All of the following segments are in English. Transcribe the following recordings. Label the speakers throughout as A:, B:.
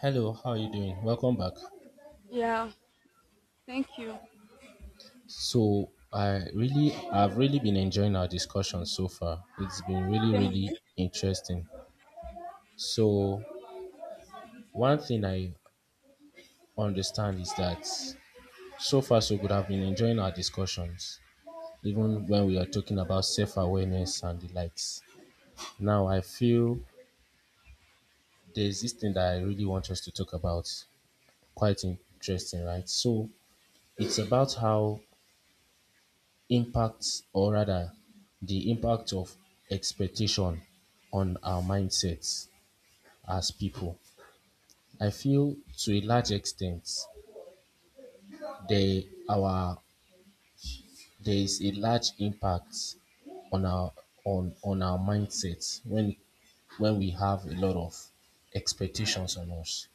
A: Hello, how are you doing? Welcome back.
B: Yeah, thank you.
A: So, I've really been enjoying our discussion so far. It's been really
B: Same here.
A: really interesting. So, one thing I understand is that so far so good I've been enjoying our discussions even when we are talking about self-awareness and the likes. Now, I feel there's this thing that I really want us to talk about. Quite interesting, right? So, it's about how impacts or rather the impact of expectation on our mindsets as people. I feel to a large extent they our there is a large impact on our on our mindsets when we have a lot of expectations on us.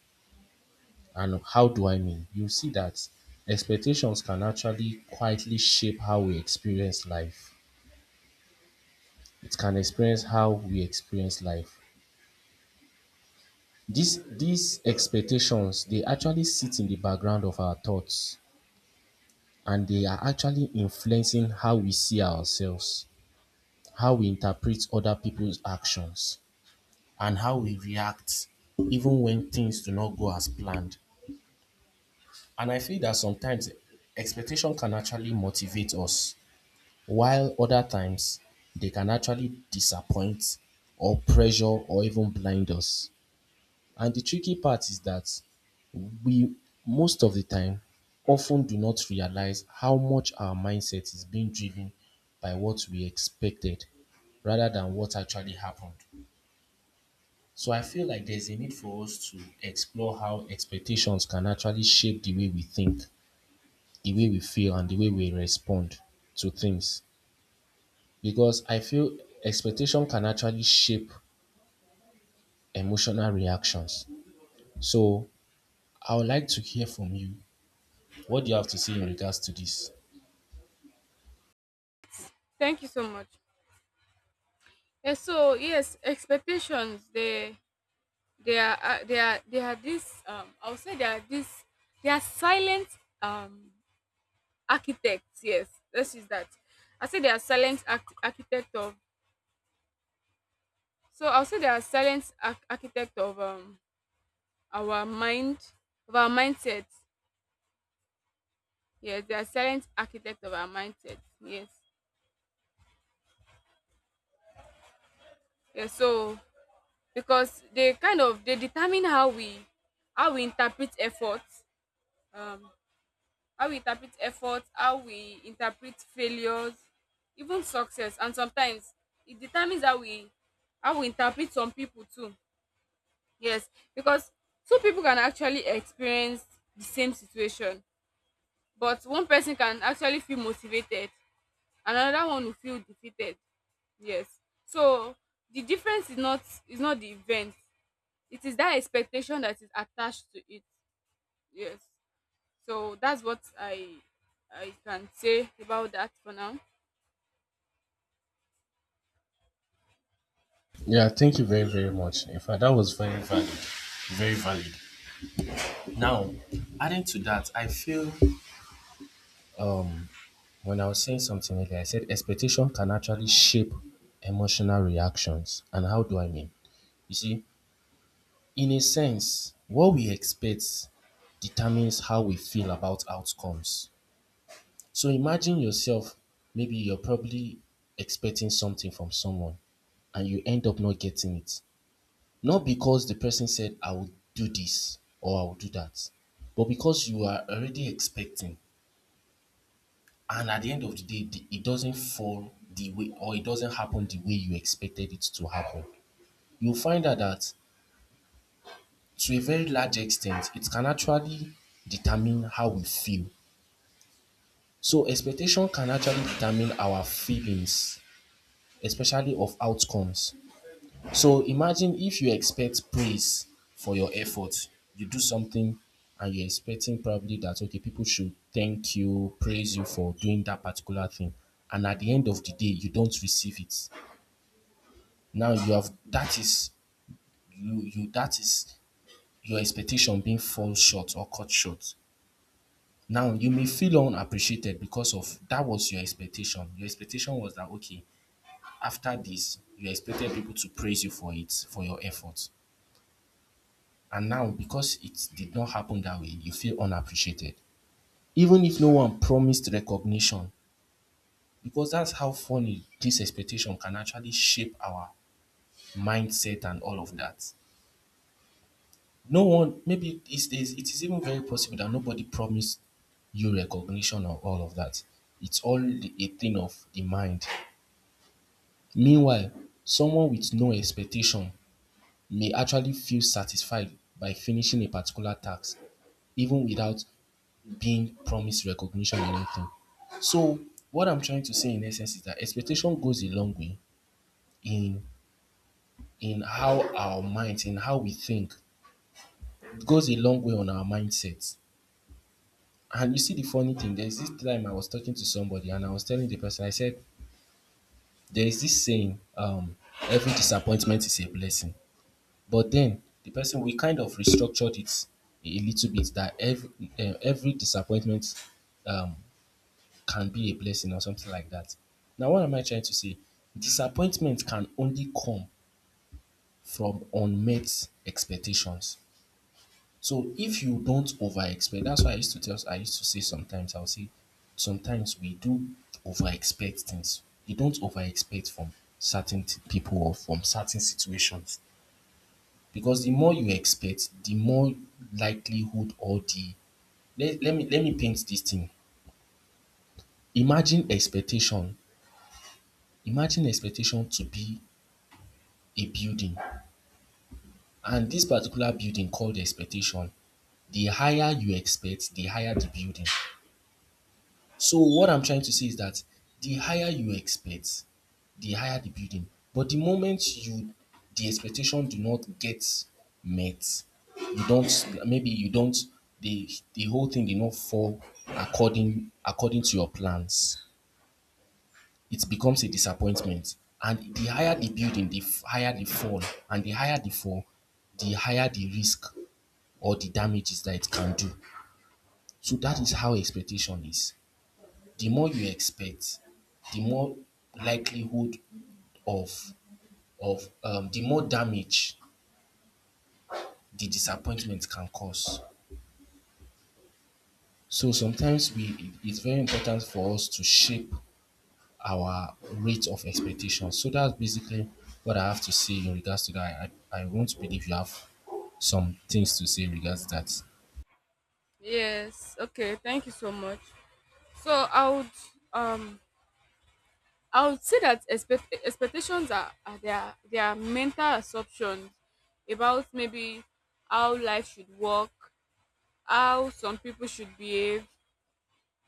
A: And how do I mean? You see that expectations can actually quietly shape how we experience life. It can experience how we experience life. These expectations, they actually sit in the background of our thoughts, and they are actually influencing how we see ourselves, how we interpret other people's actions, and how we react even when things do not go as planned. And I feel that sometimes expectation can actually motivate us, while other times they can actually disappoint or pressure or even blind us. And the tricky part is that we most of the time often do not realize how much our mindset is being driven by what we expected rather than what actually happened. So I feel like there's a need for us to explore how expectations can actually shape the way we think, the way we feel, and the way we respond to things. Because I feel expectation can actually shape emotional reactions. So I would like to hear from you. What do you have to say in regards to this?
B: Thank you so much. And so yes, expectations they are they are they are this I would say they are silent um architects. Yes, this is that. I say they are silent arch- architect of So I'll say they are silent arch- architect of our mind our mindset. Yes, they are silent architect of our mindset. Yes. Yeah, so because they kind of they determine how we interpret effort, um how we interpret failures, even success. And sometimes it determines how we interpret some people too, yes. Because two people can actually experience the same situation, but one person can actually feel motivated, another one will feel defeated, yes. So the difference is not the event, it is that expectation that is attached to it, yes. So that's what I can say about that for now.
A: Yeah, thank you very, very much. In fact, that was very valid. Very valid. Now, adding to that, I feel um when I was saying something earlier, I said expectation can actually shape emotional reactions. And how do I mean? You see, in a sense, what we expect determines how we feel about outcomes. So imagine yourself, maybe you're probably expecting something from someone and you end up not getting it. Not because the person said, I will do this or I will do that, but because you are already expecting. And at the end of the day, it doesn't fall the way or it doesn't happen the way you expected it to happen. You'll find out that to a very large extent, it can actually determine how we feel. So expectation can actually determine our feelings, especially of outcomes. So imagine if you expect praise for your effort. You do something and you're expecting probably that okay, people should thank you, praise you for doing that particular thing. And at the end of the day, you don't receive it. Now you have that is you you that is your expectation being fall short or cut short. Now you may feel unappreciated because of that was your expectation. Your expectation was that okay, after this, you expected people to praise you for it, for your effort. And now, because it did not happen that way, you feel unappreciated. Even if no one promised recognition, because that's how funny this expectation can actually shape our mindset and all of that. No one, maybe it is even very possible that nobody promised you recognition or all of that. It's all a thing of the mind. Meanwhile, someone with no expectation may actually feel satisfied by finishing a particular task, even without being promised recognition or anything. So what I'm trying to say in essence is that expectation goes a long way in how our minds, in how we think. It goes a long way on our mindset. And you see the funny thing, there's this time I was talking to somebody and I was telling the person, I said, there is this saying, every disappointment is a blessing. But then the person we kind of restructured it a little bit that every disappointment um, can be a blessing or something like that. Now, what am I trying to say? Disappointment can only come from unmet expectations. So if you don't over expect, that's why I used to say sometimes, I'll say sometimes we do over expect things. You don't over expect from certain people or from certain situations. Because the more you expect, the more likelihood or the let me paint this thing. Imagine expectation. Imagine expectation to be a building. And this particular building called expectation, the higher you expect, the higher the building. So what I'm trying to say is that the higher you expect, the higher the building. But the moment you the expectation do not get met, you don't maybe you don't the whole thing did not fall according to your plans. It becomes a disappointment. And the higher the building, higher the fall. And the higher the fall, the higher the risk or the damages that it can do. So that is how expectation is. The more you expect, the more likelihood of of the more damage the disappointment can cause. So sometimes we it's very important for us to shape our rate of expectation. So that's basically what I have to say in regards to that. I won't believe you have some things to say in regards to that.
B: Yes, okay, thank you so much. So i would um i would say that expectations are, are their mental assumptions about maybe how life should work, how some people should behave,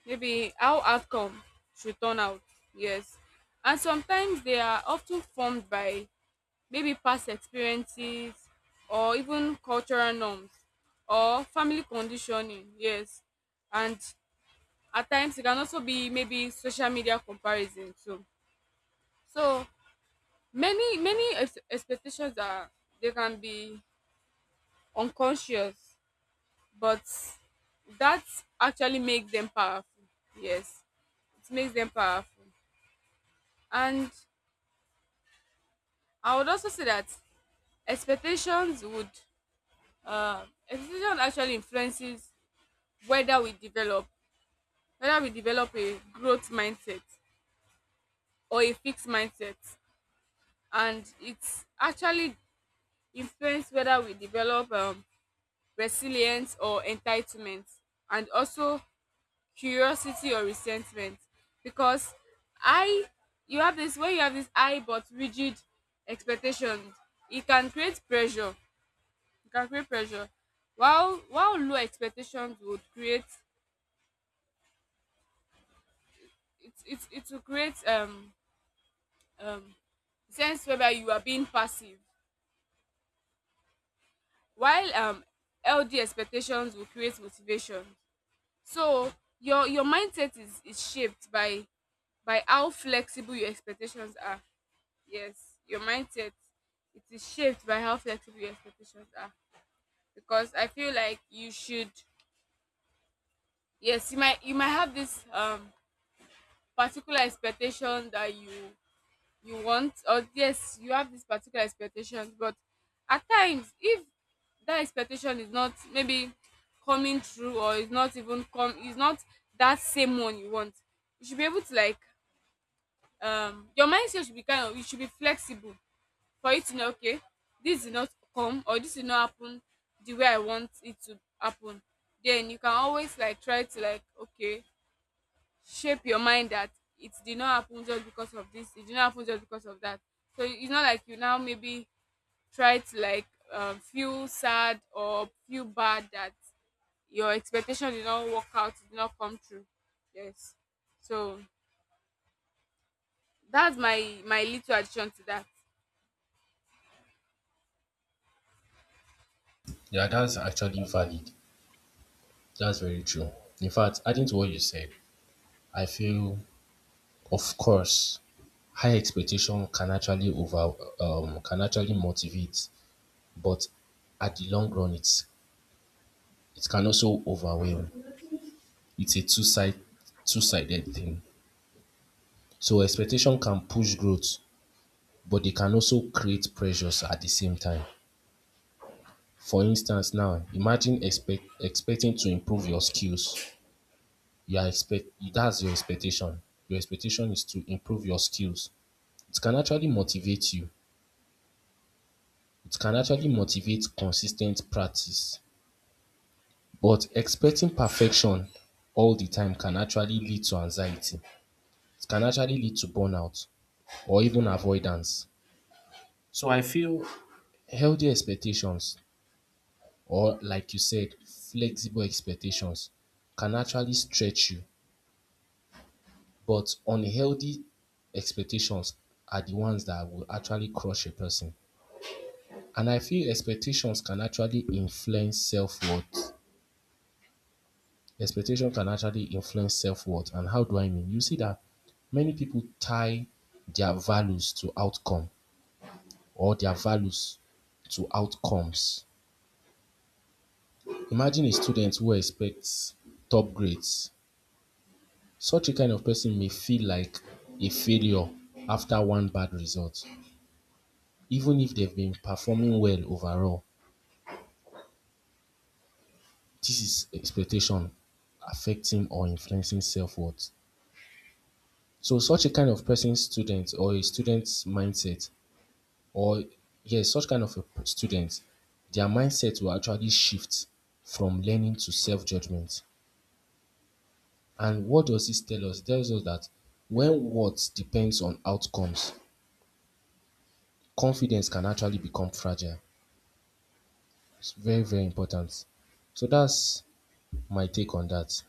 B: maybe how outcome should turn out, yes. And sometimes they are often formed by maybe past experiences, or even cultural norms, or family conditioning, yes. And at times it can also be maybe social media comparison too. So many ex- expectations are, they can be unconscious, but that actually makes them powerful, yes. It makes them powerful. And I would also say that expectations would uh expectations actually influences whether we develop, whether we develop a growth mindset or a fixed mindset. And it's actually influence whether we develop resilience or entitlement, and also curiosity or resentment. Because I you have this, when you have this high but rigid expectations, it can create pressure, it can create pressure. While low expectations would create, it will create um sense whether you are being passive, while healthy expectations will create motivation. So your mindset is shaped by how flexible your expectations are. Yes, your mindset, it is shaped by how flexible your expectations are. Because I feel like you should, yes, you might have this particular expectation that you want, or yes, you have this particular expectation, but at times if that expectation is not maybe coming true, or is not that same one you want, you should be able to, like, your mindset should be kind of, you should be flexible for it, to know okay, this did not come, or this did not happen the way I want it to happen. Then you can always, like, try to, like, okay, shape your mind that it did not happen just because of this, it did not happen just because of that. So it's not like you now maybe try to, like, feel sad or feel bad that your expectation did not work out, it did not come true, yes. So that's my my little addition to that.
A: Yeah, that's actually valid. That's very true. In fact, adding to what you said, I feel, of course, high expectation can actually over can actually motivate, but at the long run, it can also overwhelm. It's a two sided thing. So expectation can push growth, but they can also create pressures at the same time. For instance, now imagine expecting to improve your skills. You are expect that's your expectation. Your expectation is to improve your skills. It can actually motivate you. It can actually motivate consistent practice, but expecting perfection all the time can actually lead to anxiety. It can actually lead to burnout or even avoidance. So I feel healthy expectations, or like you said, flexible expectations can actually stretch you, but unhealthy expectations are the ones that will actually crush a person. And I feel expectations can actually influence self-worth. Expectation can actually influence self-worth. And how do I mean? You see that many people tie their values to outcome their values to outcomes. Imagine a student who expects top grades. Such a kind of person may feel like a failure after one bad result, even if they've been performing well overall. This is expectation affecting or influencing self worth. So, such a kind of person, student, or a student's mindset, or yes, such kind of a student, their mindset will actually shift from learning to self-judgment. And what does this tell us? It tells us that when what depends on outcomes, confidence can actually become fragile. It's very, very important. So that's my take on that.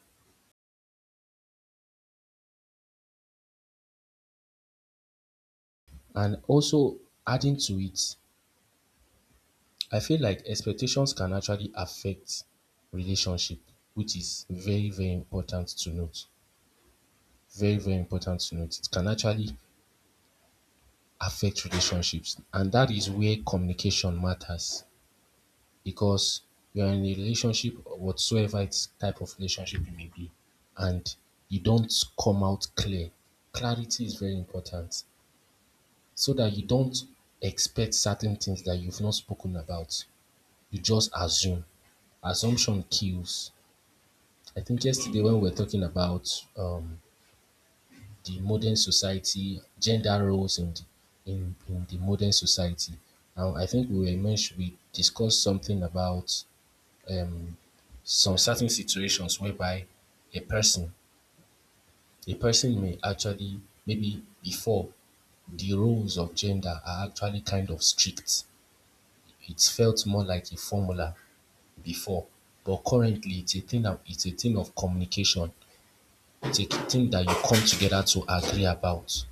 A: And also, adding to it, I feel like expectations can actually affect relationship, which is very, very important to note. Very, very important to note. It can actually affect relationships, and that is where communication matters, because you're in a relationship, whatsoever it's type of relationship it may be, and you don't come out clear. Clarity is very important so that you don't expect certain things that you've not spoken about. You just assume. Assumption kills. I think yesterday when we were talking about um the modern society, gender roles in the modern society. And I think we discussed something about um, some certain situations whereby a person, a person may actually, maybe before, the roles of gender are actually kind of strict. It felt more like a formula before, but currently it's a thing of communication. It's a thing that you come together to agree about.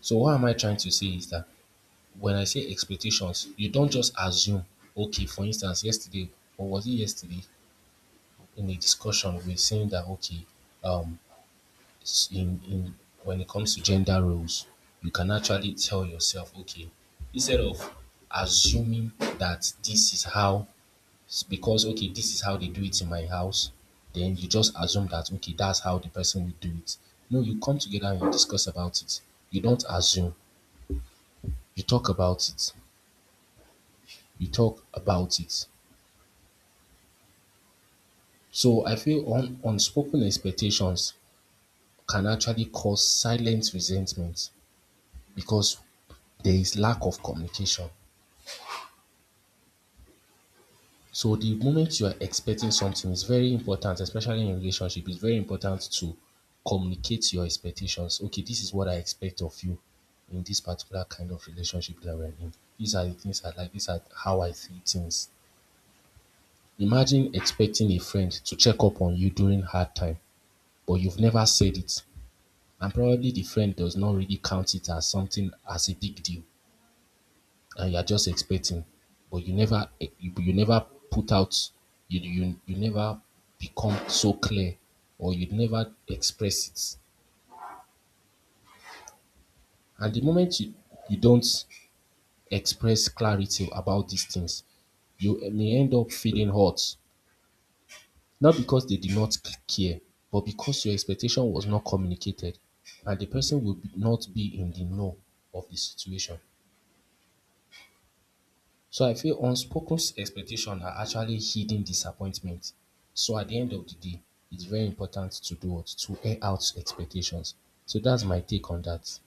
A: So what am I trying to say is that when I say expectations, you don't just assume. Okay, for instance, yesterday, or was it yesterday, in a discussion, we saying that okay, um, s- in when it comes to gender roles, you can actually tell yourself, okay, instead of assuming that this is how, because okay, this is how they do it in my house, then you just assume that okay, that's how the person will do it. No, you come together and you discuss about it. You don't assume. You talk about it. You talk about it. So I feel unspoken expectations can actually cause silent resentment because there is lack of communication. So the moment you are expecting something is very important, especially in relationship, it's very important to communicate your expectations. Okay, this is what I expect of you in this particular kind of relationship that we're in. These are the things I like, these are how I see things. Imagine expecting a friend to check up on you during hard time, but you've never said it. And probably the friend does not really count it as something as a big deal and you're just expecting, but you never you never put out, you never become so clear, or you never express it. And the moment you don't express clarity about these things, you may end up feeling hurt, not because they did not care, but because your expectation was not communicated and the person will not be in the know of the situation. So I feel unspoken expectations are actually hidden disappointment. So at the end of the day, it's very important to do what? To air out expectations. So that's my take on that.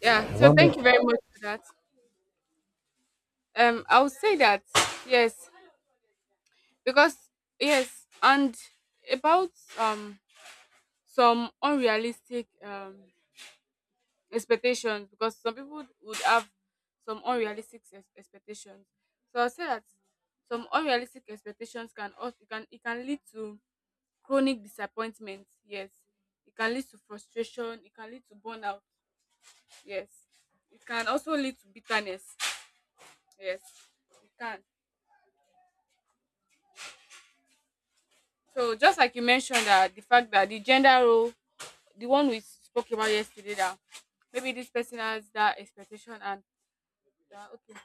B: Yeah, so
A: One
B: thank you
A: more.
B: very much for that. I would say that, yes, because, yes, and about um some unrealistic expectations, because some people would have some unrealistic ex- expectations. So I'll say that some unrealistic expectations can also, it can lead to chronic disappointment. Yes, it can lead to frustration. It can lead to burnout. Yes, it can also lead to bitterness. Yes, it can. So just like you mentioned, that the fact that the gender role, the one we spoke about yesterday, that maybe this person has that expectation and that okay,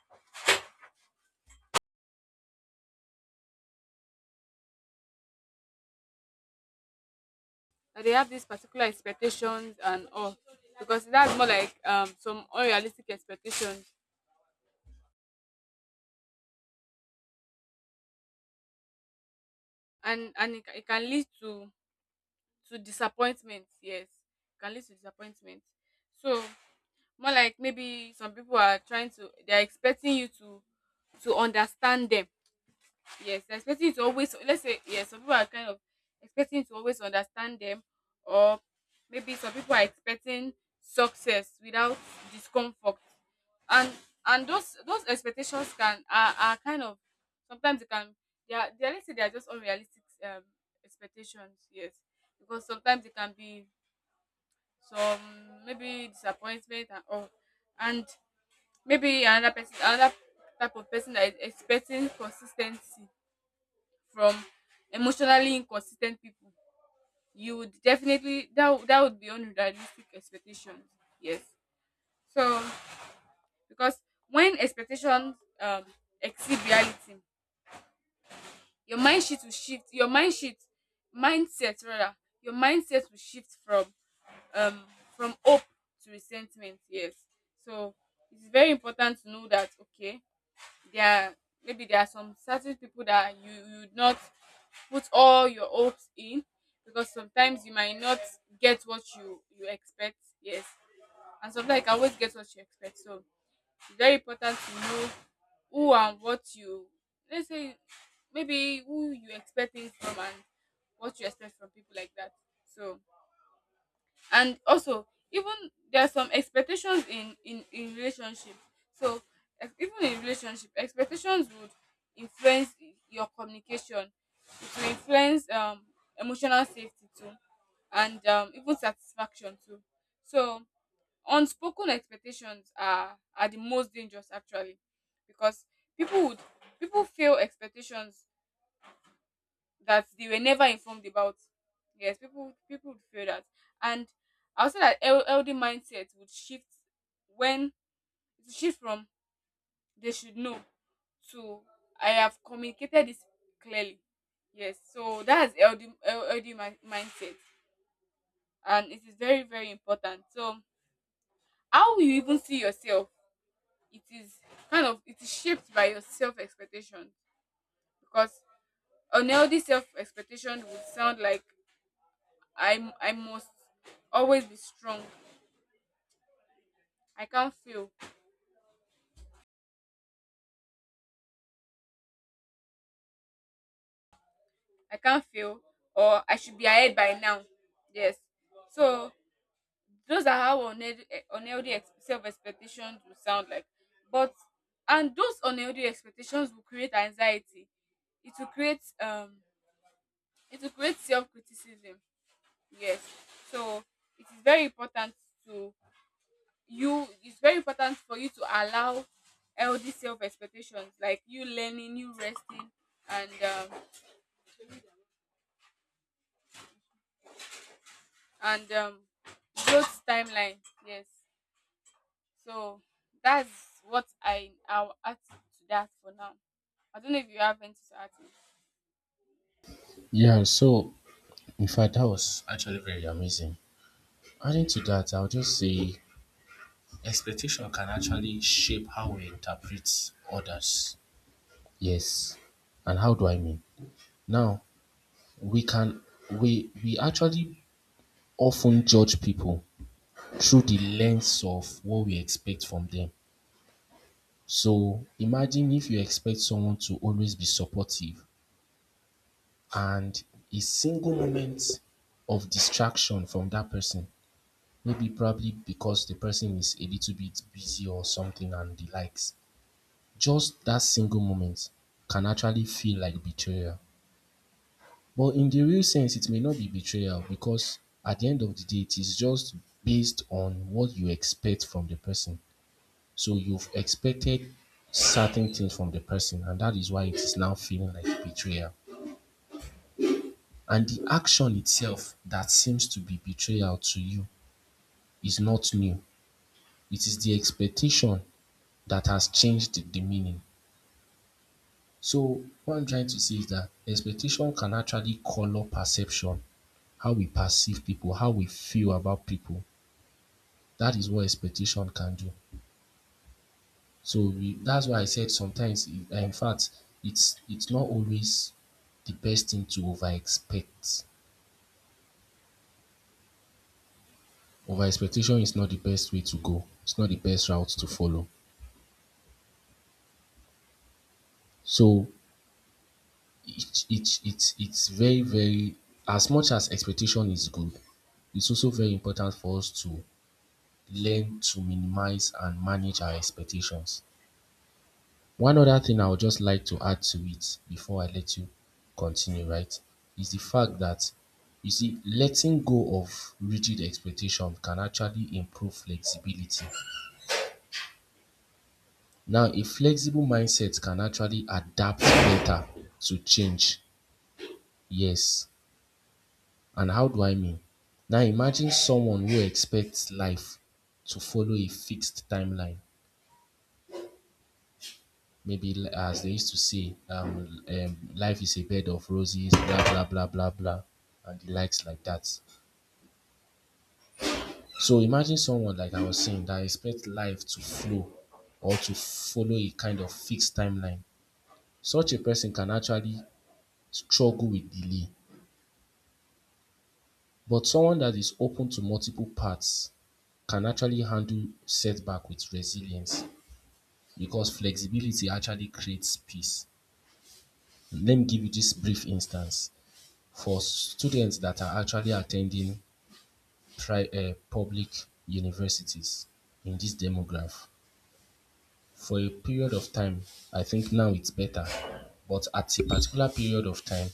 B: that they have these particular expectations and all, because that's more like some unrealistic expectations. And it, ca- it can lead to disappointment, yes, it can lead to disappointment. So more like, maybe some people are trying to, they're expecting you to understand them. Yes, they're expecting you to always, let's say, yes, some people are kind of expecting you to always understand them. Or maybe some people are expecting success without discomfort. And and those expectations can, are kind of, sometimes they can, they are, let's say they are just unrealistic expectations, yes. Because sometimes it can be some maybe disappointment and all. And maybe another person, another type of person that is expecting consistency from emotionally inconsistent people, you would definitely, that would be unrealistic expectations, yes. So because when expectations um exceed reality, your mindset, rather, your mindset will shift um from hope to resentment, yes. So it's very important to know that okay, there are, maybe there are some certain people that you would not put all your hopes in, because sometimes you might not get what you expect, yes. And sometimes you can always get what you expect. So it's very important to know who and what you, let's say, maybe who you expect things from, and what you expect from people like that. So, and also, even there are some expectations in in relationship. So ex- even in relationship, expectations would influence your communication, it will influence emotional safety too, and even satisfaction too. So unspoken expectations are the most dangerous actually, because people would people fail expectations that they were never informed about. Yes, people would feel that. And I would say that LD mindset would shift when, it would shift from they should know to I have communicated this clearly. Yes, so that's LD mi- mindset, and it is very very important. So how you even see yourself, it is kind of, it is shaped by your self expectation. Because an LD self expectation would sound like I must always be strong. I can't fail. I can't fail, or I should be ahead by now. Yes. So those are how unhealthy, unhealthy ex- self-expectations will sound like. But, and those unhealthy expectations will create anxiety. It will create um it will create self-criticism. Yes. So it is very important to, you it's very important for you to allow healthy self expectations, like you learning, you resting, and um and growth timeline, yes. So that's what I'll add to that for now. I don't know if you have anything to add to it.
A: Yeah, so in fact, that was actually very amazing. Adding to that, I'll just say expectation can actually shape how we interpret others. Yes. And how do I mean? Now, we can we actually often judge people through the lens of what we expect from them. So imagine if you expect someone to always be supportive, and a single moment of distraction from that person, maybe probably because the person is a little bit busy or something and the likes, just that single moment can actually feel like betrayal. But in the real sense, it may not be betrayal, because at the end of the day, it is just based on what you expect from the person. So you've expected certain things from the person, and that is why it is now feeling like betrayal. And the action itself that seems to be betrayal to you is not new. It is the expectation that has changed the meaning. So what I'm trying to say is that expectation can actually color perception, how we perceive people, how we feel about people. That is what expectation can do. So we, that's why I said sometimes, in fact, it's not always the best thing to over expect. Over expectation is not the best way to go. It's not the best route to follow. So it's very very, as much as expectation is good, it's also very important for us to learn to minimize and manage our expectations. One other thing I would just like to add to it before I let you continue, right, is the fact that, you see, letting go of rigid expectation can actually improve flexibility. Now, a flexible mindset can actually adapt better to change. Yes. And how do I mean? Now, imagine someone who expects life to follow a fixed timeline, maybe as they used to say, life is a bed of roses, blah blah blah blah blah, and the likes like that. So imagine someone like I was saying that expects life to flow or to follow a kind of fixed timeline. Such a person can actually struggle with delay. But someone that is open to multiple paths can actually handle setback with resilience, because flexibility actually creates peace. Let me give you this brief instance. For students that are actually attending public universities in this demograph for a period of time, I think now it's better, but at a particular period of time,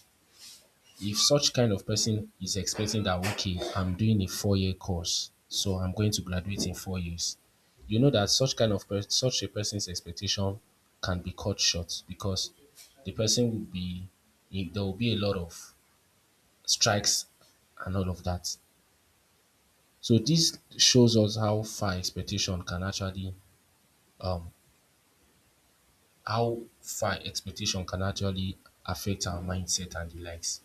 A: if such kind of person is expecting that, okay, I'm doing a 4-year course, so I'm going to graduate in 4 years, you know that such kind of such a person's expectation can be cut short because the person will be, there will be a lot of strikes and all of that. So this shows us how far expectation can actually, um how far expectation can actually affect our mindset and the likes.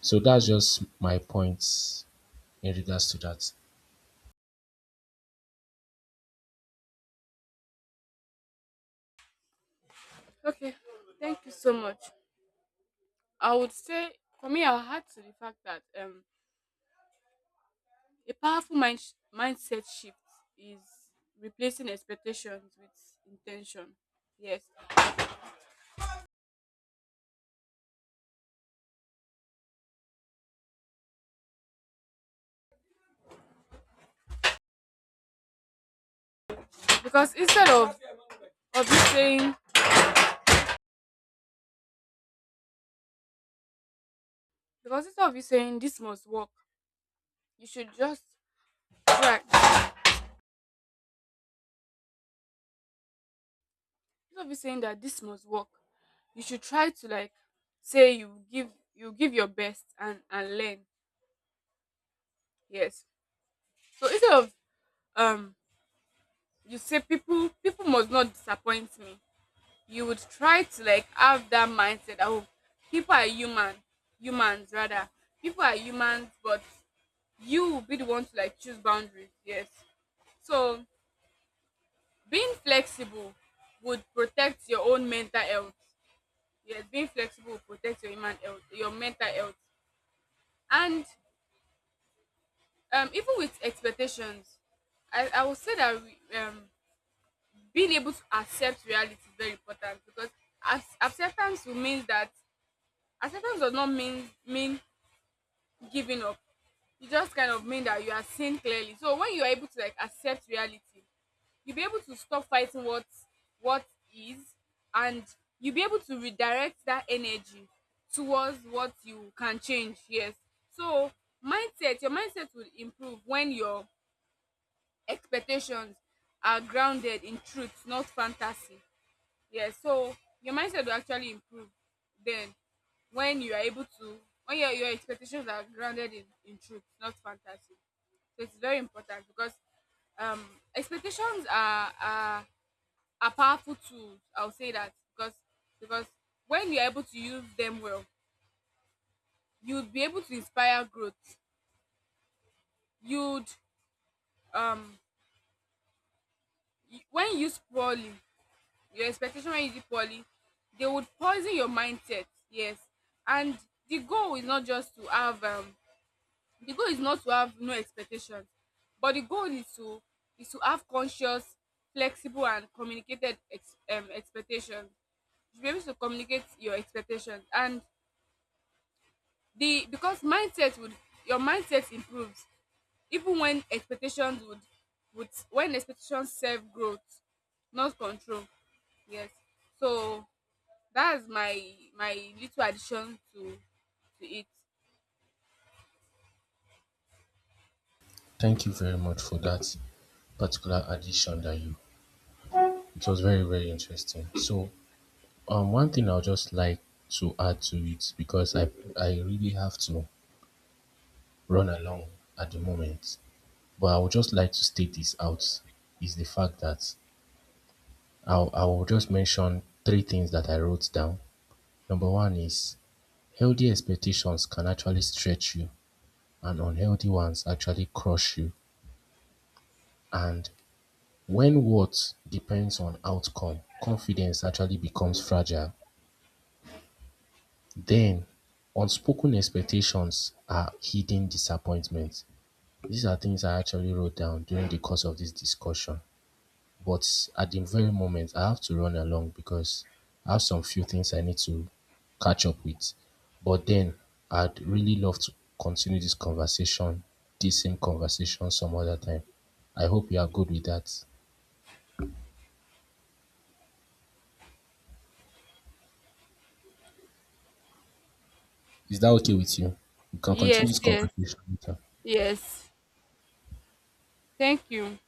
A: So that's just my point in regards to that.
B: Okay, thank you so much. I would say, for me, I'll add to the fact that a powerful mindset shift is replacing expectations with intention, yes. Because instead of you saying, because instead of you saying this must work, you should just try. Instead of you saying that this must work, you should try to, like, say, you give your best and learn. Yes. So instead of um you say, people must not disappoint me, you would try to, like, have that mindset that oh, people are human, humans rather. People are humans, but you will be the one to, like, choose boundaries. Yes. So, being flexible would protect your own mental health. Yes, being flexible will protect your human health, your mental health. And even with expectations, I would say that being able to accept reality is very important, because acceptance will mean that, acceptance does not mean giving up. It just kind of mean that you are seen clearly. So when you are able to, like, accept reality, you'll be able to stop fighting what is, and you'll be able to redirect that energy towards what you can change, yes. So mindset your mindset will improve when your expectations are grounded in truth, not fantasy. Yeah, so your mindset will actually improve then, when you are able to, when your expectations are grounded in truth, not fantasy. So it's very important because um expectations are powerful tools. I'll say that because when you're able to use them well, you'd be able to inspire growth. You'd, um when used poorly, your expectation when you did poorly, they would poison your mindset. Yes. And the goal is not just to have um the goal is not to have no expectations, but the goal is to have conscious, flexible and communicated expectations. You should be able to communicate your expectations. And the because mindset would your mindset improves, even when expectations would when expectations serve growth, not control. Yes. So that's my my little addition to it.
A: Thank you very much for that particular addition that you, it was very, very interesting. So one thing I'll just like to add to it, because I really have to run along at the moment. But I would just like to state this out, is the fact that I'll just mention 3 things that I wrote down. Number one is healthy expectations can actually stretch you, and unhealthy ones actually crush you. And when what depends on outcome, confidence actually becomes fragile. Then, unspoken expectations are hidden disappointments. These are things I actually wrote down during the course of this discussion. But at the very moment, I have to run along because I have some few things I need to catch up with. But then I'd really love to continue this conversation, this same conversation some other time. I hope you are good with that. Is that okay with you? We can continue
B: Yes,
A: this
B: yes,
A: conversation later.
B: yes. Thank you.